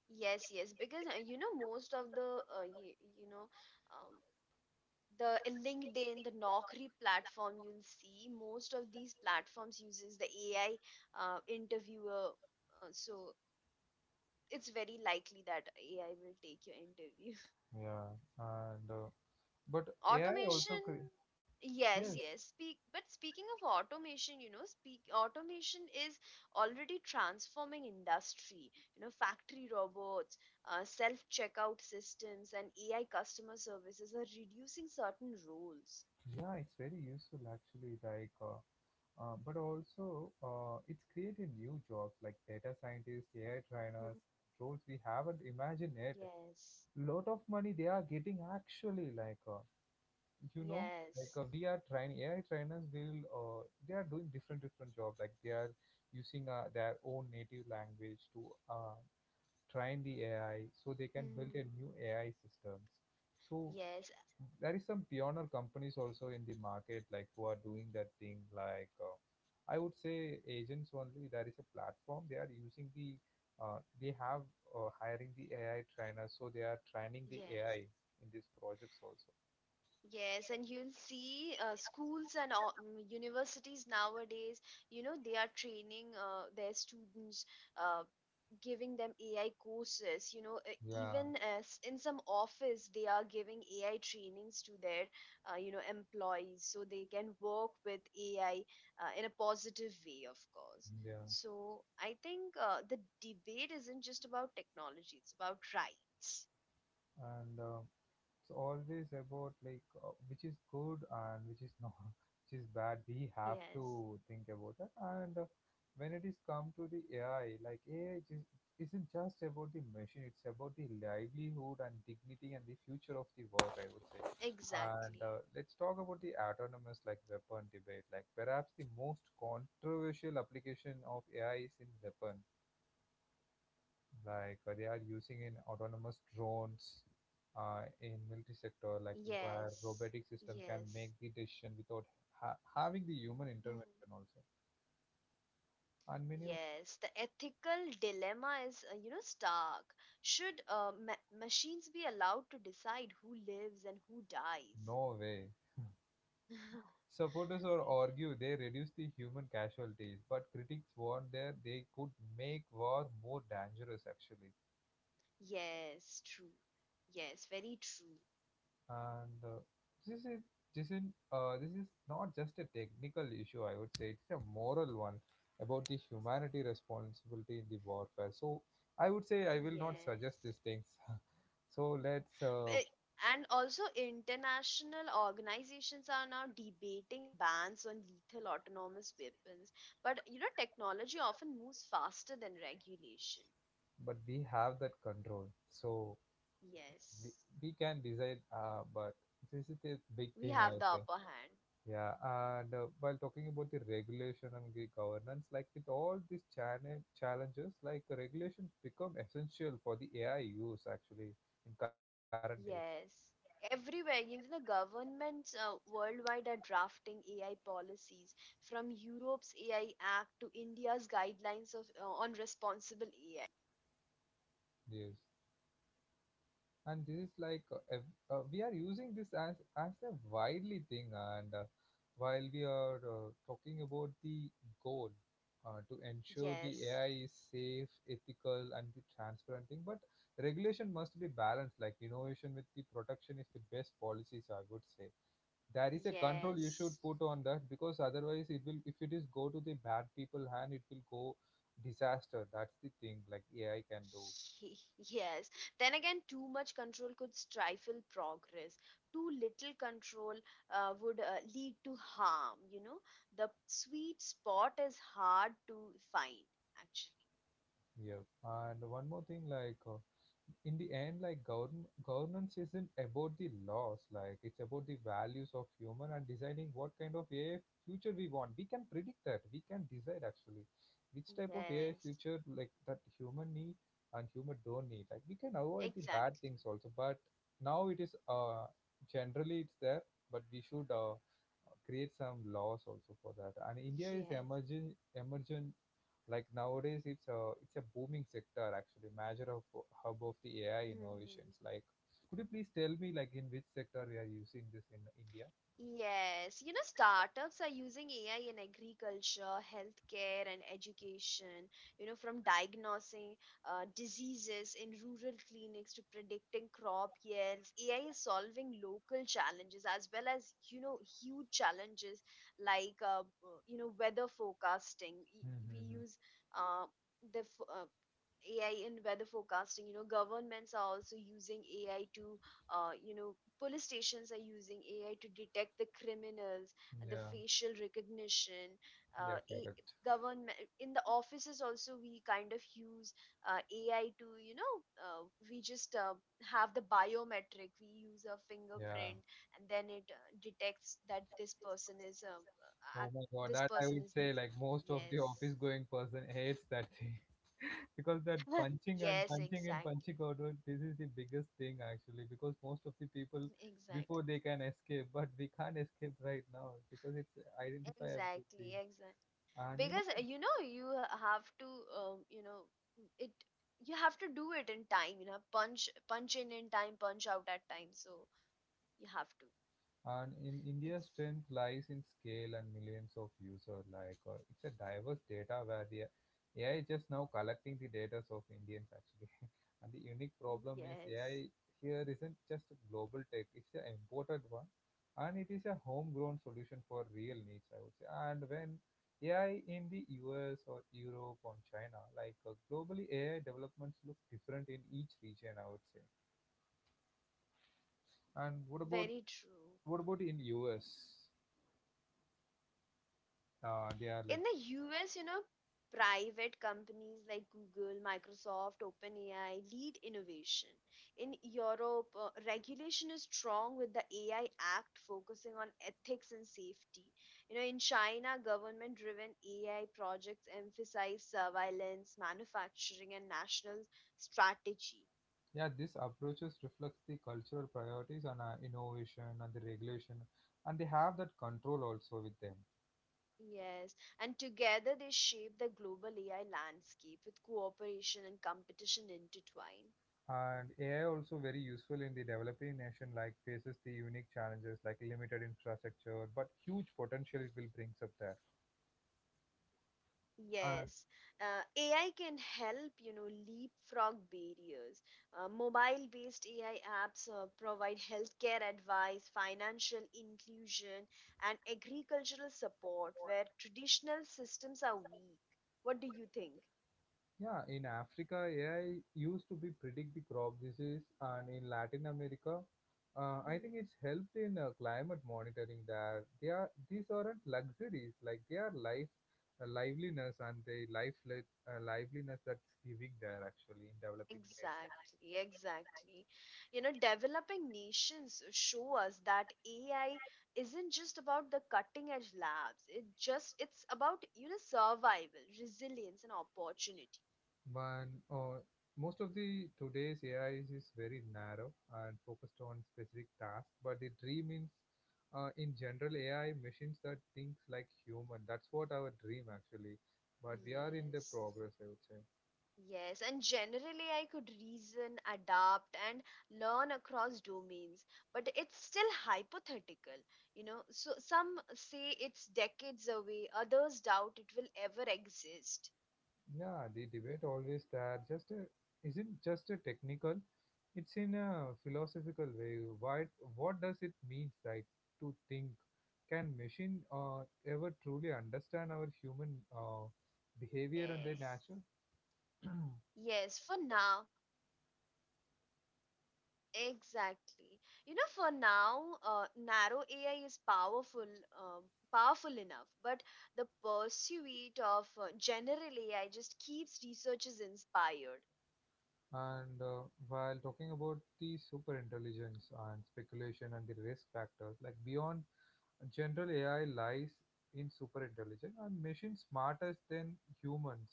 B: yes, yes, because uh, you know most of the uh, you, you know um, the LinkedIn, the Naukri platform, you'll see most of these platforms uses the AI uh, interviewer, uh, so it's very likely that AI will take your interview.
A: Yeah, and uh, but
B: *laughs*
A: AI also
B: automation
A: cre- yes,
B: yes yes speak but speaking of automation, you know, speak automation is already transforming industry. You know, factory robots, uh, self checkout systems and AI customer services are reducing certain roles.
A: yeah, it's very useful actually. Like. Uh, Uh, but also, uh, it's created new jobs like data scientists, A I trainers,
B: Mhm.
A: roles we haven't imagined yet.
B: yes
A: Lot of money they are getting actually, like uh, you know, like
B: Yes.
A: uh, we are trying A I trainers. Will uh, they are doing different different jobs? Like, they are using uh, their own native language to uh, train the A I, so they can build
B: Mhm.
A: a new A I systems. So
B: Yes,
A: there is some pioneer companies also in the market like who are doing that thing, like uh, I would say, agents only, there is a platform they are using the uh, they have uh, hiring the AI trainers, so they are training the
B: yes,
A: AI in these projects also.
B: yes. And you'll see uh, schools and all- mm, universities nowadays, you know, they are training uh, their students, uh, giving them A I courses. You know, uh,
A: Yeah,
B: even as in some office, they are giving A I trainings to their, uh, you know, employees so they can work with A I uh, in a positive way, of course.
A: yeah.
B: So I think uh, the debate isn't just about technology, it's about rights.
A: And uh, so always about like uh, which is good and which is not, *laughs* which is bad. We have to
B: Yes,
A: think about that. And uh, when it is come to the A I, like A I just isn't just about the machine. It's about the livelihood and dignity and the future of the work, I would say. And
B: exactly.
A: uh, let's talk about the autonomous like weapon debate. Like perhaps the most controversial application of A I is in weapon, like uh, they are using in autonomous drones, uh, in military sector, like where
B: Yes,
A: robotic system can make
B: yes.
A: the decision without ha- having the human
B: Mm.
A: intervention also, and many of.
B: Yes, the ethical dilemma is, uh, you know, stark. Should uh, ma machines be allowed to decide who lives and who dies?
A: No way. Supporters or
B: *laughs* Exactly.
A: argue they reduce the human casualties, but critics warn that they could make war more dangerous actually.
B: Yes, true. Yes, very true.
A: And uh, this is this is uh, this is not just a technical issue, I would say, it's a moral one about the humanity responsibility in the warfare. So I would say I will not suggest
B: Yes.
A: these things. *laughs* so let's uh,
B: Eh, And also, international organizations are now debating bans on lethal autonomous weapons. But you know, technology often moves faster than regulation.
A: But we have that control, so we,
B: Yes,
A: we can decide, uh, but this is the big
B: we
A: thing I
B: have the
A: think.
B: upper hand.
A: Yeah, and uh, while talking about the regulation and the governance, like with all these channel challenges, like regulations become essential for the AI use actually, in current days.
B: Yes. Everywhere, even the governments uh, worldwide are drafting A I policies, from Europe's A I Act to India's guidelines of uh, on responsible A I.
A: Yes, and this is like, uh, ev- uh, we are using this as as a widely thing, and uh, while we are uh, talking about the goal, uh, to ensure the
B: Yes,
A: AI is safe, ethical and the transparent thing. But regulation must be balanced, like innovation with the protection is the best policies, I would say. There is a control you should
B: yes.
A: put on that, because otherwise it will, if it is go to the bad people hand, it will go disaster. That's the thing like AI can do.
B: *laughs* Yes. Then again, too much control could stifle progress. Too little control uh, would uh, lead to harm. You know, the sweet spot is hard to find, actually.
A: Yeah, and one more thing, like, uh, in the end, like govern governance isn't about the laws, like it's about the values of human and deciding what kind of A I future we want. We can predict that. We can decide actually which type of A I
B: Yes,
A: future like that human need and human don't need. Like we can avoid the bad
B: exactly.
A: things also, but now it is uh, generally it's there, but we should uh create some laws also for that. And India is
B: Yes.
A: emerging emerging, like nowadays, it's a it's a booming sector actually, major of hub of the A I innovations.
B: *laughs*
A: Like, could you please tell me like in which sector we are using this in India?
B: Yes, you know, startups are using A I in agriculture, healthcare, and education. You know, from diagnosing uh, diseases in rural clinics to predicting crop yields, A I is solving local challenges as well as, you know, huge challenges like, uh, uh, you know, weather forecasting. Y- We
A: Mm-hmm.
B: use uh, the f- uh, A I in weather forecasting. You know, governments are also using A I to, uh, you know, police stations are using A I to detect the criminals, the
A: Yeah,
B: facial recognition.
A: yeah,
B: Uh, a-
A: correct.
B: Government in the offices also we kind of use uh, A I to you know uh, we just uh, have the biometric. We use a
A: Yeah.
B: fingerprint and then it uh, detects that this person is uh,
A: Oh my
B: uh,
A: God, that
B: this
A: I would
B: person
A: say
B: is
A: like
B: this.
A: most of the office
B: Yes,
A: going person hates that thing. *laughs* Because that
B: *laughs*
A: punching and
B: yes,
A: punching and punching
B: exactly,
A: out, uh, this is the biggest thing actually, because most of the people before
B: exactly,
A: they can escape, but we can't escape right now because it's identifiable thing.
B: exactly, exactly.
A: And you
B: Because
A: know.
B: uh, you know, you have to um, you know it you have to do it in time, you know, punch punch in in time, punch out at time, so you have to
A: And in
B: it's
A: India, strength lies in scale and millions of users. Like uh, it's a diverse data where the A I is just now collecting the data of Indians actually. *laughs* And the unique problem is
B: yes,
A: A I here isn't just a global tech; it's an imported one, and it is a homegrown solution for real needs, I would say. And when A I in the U S or Europe or China, like, uh, globally, A I developments look different in each region, I would say. And what about
B: very true.
A: What about in U S? Uh, they are like
B: In the U S, you know, private companies like Google, Microsoft, OpenAI lead innovation. In Europe, uh, regulation is strong with the A I Act focusing on ethics and safety. You know, in China, government driven A I projects emphasize surveillance, manufacturing, and national strategy.
A: Yeah. This approaches reflects the cultural priorities and, uh, innovation and the regulation, and they have that control also with them.
B: Yes, and together they shape the global A I landscape with cooperation and competition intertwined.
A: And AI also very useful in the developing nation, like faces the unique challenges like limited infrastructure but huge potential it will brings up there.
B: Yes, uh, A I can help, you know, leapfrog barriers. Uh, mobile-based A I apps uh, provide healthcare advice, financial inclusion, and agricultural support where traditional systems are weak. What do you think?
A: Yeah, in Africa, A I used to be predict the crop disease, and in Latin America, uh, I think
B: Mm-hmm.
A: it's helped in uh, climate monitoring. There, they are these aren't luxuries, like they are life, uh, livelihoods, and the life uh, liveliness that's giving there actually in developing nations.
B: Exactly, exactly. You know, developing nations show us that A I isn't just about the cutting edge labs. It just it's about, you know, survival, resilience and opportunity.
A: But uh, most of the today's A I is very narrow and focused on specific tasks. But the dream is, uh, in general, A I machines that thinks like human. That's what our dream actually. But we are in the
B: Yes.
A: progress, I would say.
B: Yes, and generally I could reason, adapt and learn across domains, but it's still hypothetical, you know. So some say it's decades away, others doubt it will ever exist.
A: Yeah, the debate always, that just a, isn't just a technical, it's in a philosophical way. Why, what does it mean, right, to think? Can machine uh, ever truly understand our human uh, behavior and
B: Yes.
A: their nature? *clears throat*
B: Yes, for now. Exactly. You know, for now, uh, narrow A I is powerful, um, powerful enough, but the pursuit of uh, general A I just keeps researchers inspired.
A: and uh, while talking about the super intelligence and speculation and the risk factors, like beyond general A I lies in super intelligence and machines smarter than humans.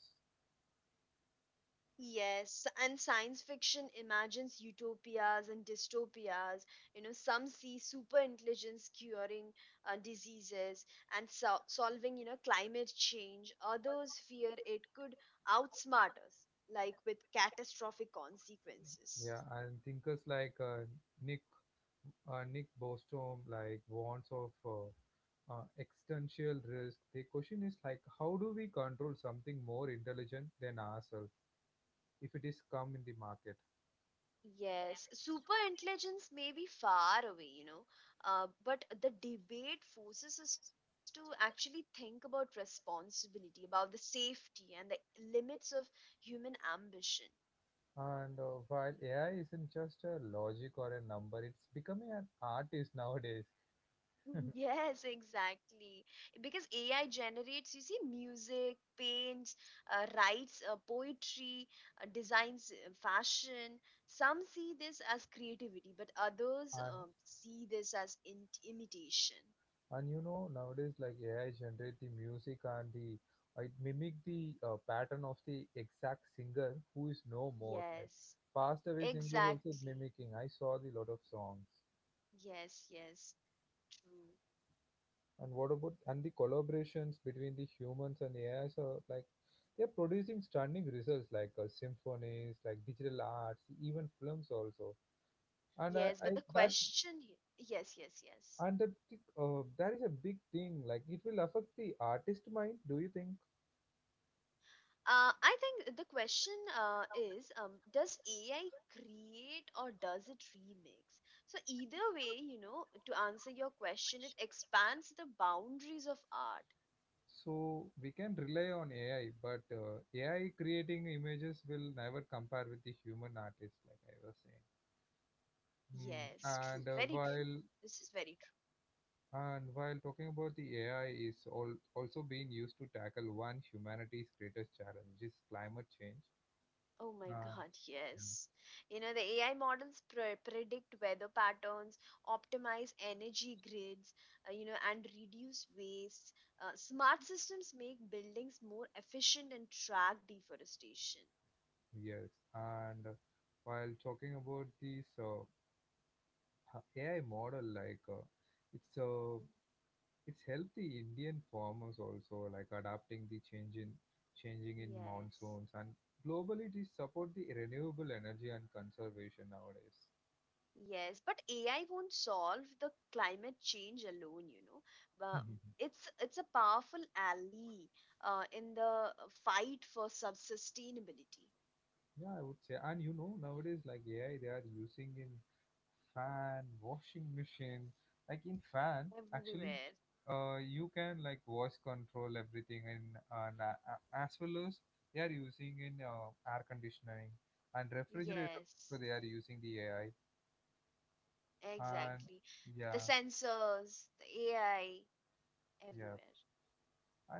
B: Yes, and science fiction imagines utopias and dystopias. You know, some see super intelligence curing uh, diseases and so- solving, you know, climate change. Others fear it could outsmart us, like with catastrophic consequences.
A: Yeah, and thinkers like uh, Nick uh, Nick Bostrom, like warns of uh, uh, existential risk. The question is like, how do we control something more intelligent than ourselves if it is come in the market?
B: Yes, super intelligence may be far away, you know, uh, but the debate forces us to actually think about responsibility, about the safety and the limits of human ambition. *laughs*
A: And uh, While A I isn't just a logic or a number, it's becoming an artist nowadays.
B: Yes, exactly. Because A I generates, you see, music, paints, uh, writes uh, poetry, uh, designs uh, fashion. Some see this as creativity, but others
A: And
B: um, see this as in imitation.
A: And you know, nowadays, like A I generate the music and the uh, it mimic the uh, pattern of the exact singer who is no more. Like
B: Yes.
A: passed away singers also
B: Exactly.
A: mimicking. I saw the lot of songs.
B: Yes, yes. True.
A: And what about and The collaborations between the humans and A Is are like they are producing stunning results like, uh, symphonies, like digital arts, even films also. And I,
B: Yes, but
A: I
B: the
A: that's
B: question here, yes, yes, yes.
A: and that uh, that is a big thing. Like it will affect the artist mind. Do you think?
B: Uh, I think the question uh, is um, does A I create or does it remix? So, either way, you know, to answer your question, it expands the boundaries of art.
A: So we can rely on A I, but uh, A I creating images will never compare with the human artist, like I was saying. Hmm.
B: Yes, true.
A: And uh,
B: Very true.
A: while
B: This is very
A: and while talking about the A I is all, also being used to tackle one humanity's greatest challenge, which is climate change.
B: Oh my
A: And
B: God, yes. You know, the A I models pre- predict weather patterns, optimize energy grids, uh, you know, and reduce waste. Uh, smart systems make buildings more efficient and track deforestation.
A: yeah, yes, and uh, while talking about this uh, A I model, like uh, it's uh,
B: Mhm.
A: it's helped the Indian farmers also, like adapting the change in changing in
B: Yes.
A: monsoons, and globally they support the renewable energy and conservation nowadays.
B: Yes, but A I won't solve the climate change alone, you know. But
A: *laughs*
B: it's it's a powerful ally uh, in the uh, fight for sub sustainability
A: Yeah, I would say, and you know nowadays like A I they are using in fan, washing machine. Like in fan, actually,
B: everywhere.
A: uh, you can like voice control everything in, and uh, as well as they are using in uh, air conditioning and refrigerator. So
B: Yes.
A: they are using the A I. And
B: Exactly. The
A: yeah.
B: sensors, the A I, everywhere.
A: Yeah.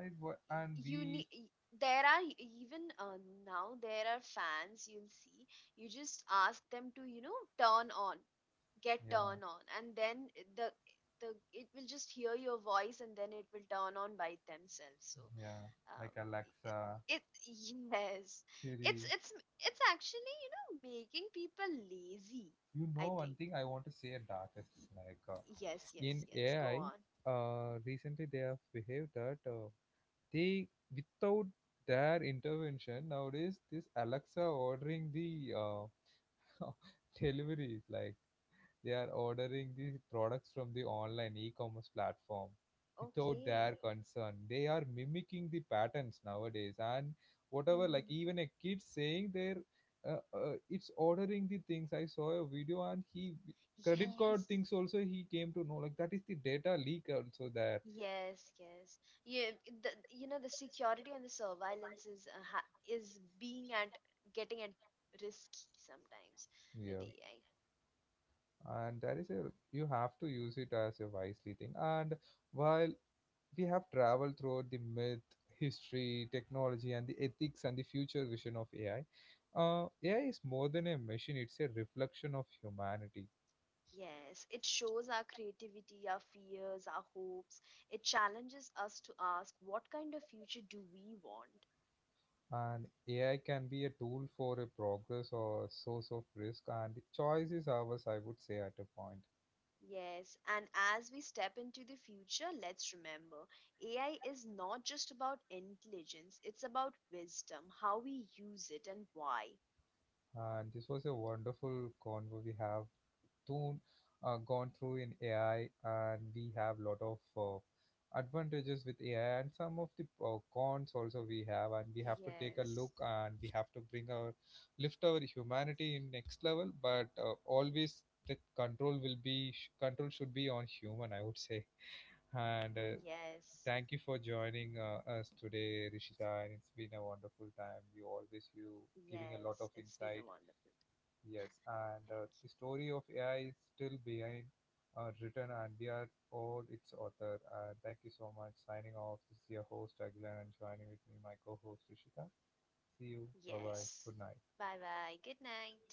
A: I wa-
B: Y-
A: and
B: You
A: We.
B: need. There are e- even uh, now there are fans you'll see. You just ask them to, you know, turn on, get
A: Yeah.
B: turn on, and then the the it will just hear your voice and then it will turn on by themselves. So
A: Yeah.
B: uh,
A: Like Alexa,
B: it yes,
A: Siri.
B: it's it's it's actually, you know, making people lazy.
A: You
B: I
A: know, one
B: think
A: thing I want to say about it. Like, uh,
B: yes, yes,
A: in
B: yes. Go
A: AI,
B: on.
A: uh recently they have behaved that, uh, they without their intervention nowadays this Alexa ordering the uh, *laughs* deliveries like. They are ordering the products from the online e-commerce platform without
B: Okay.
A: their concern. They are mimicking the patterns nowadays, and whatever, like
B: Hmm.
A: even a kid saying, they're uh, uh, it's ordering the things. I saw a video and he credit card
B: Yes.
A: things also he came to know, like that is the data leak also there.
B: Yes, yes. Yeah, the, you know, the security and the surveillance is uh, ha is being at getting at risky sometimes with
A: Yeah.
B: A I.
A: and that is a You have to use it as a wisely thing. And while we have traveled through the myth, history, technology, and the ethics and the future vision of A I. Uh, A I is more than a machine, it's a reflection of humanity.
B: Yes, it shows our creativity, our fears, our hopes. It challenges us to ask, what kind of future do we want?
A: And A I can be a tool for a progress or a source of risk, and the choice is ours, I would say, at a point.
B: Yes, and as we step into the future, let's remember A I is not just about intelligence, it's about wisdom, how we use it, and why.
A: And this was a wonderful convo we have too, uh, gone through in A I, and we have lot of uh, advantages with A I, and some of the uh, cons also we have, and we have to take a
B: Yes,
A: look, and we have to bring our lift our humanity in next level. But uh, always the control will be sh- control should be on human, I would say. And uh,
B: yes,
A: thank you for joining uh, us today, Rishita, and it's been a wonderful time. You always you
B: yes.
A: giving a
B: It's
A: lot
B: been
A: of
B: a
A: insight.
B: wonderful time.
A: Yes,
B: *laughs* Thank
A: and uh, the story of A I is still behind uh, written, and we are all its author. Uh, thank you so much. Signing off. This is your host Aguilar, and joining with me my co-host Rishika. See
B: you.
A: you. Bye bye.
B: Yes.
A: Good night.
B: Bye bye. Good night.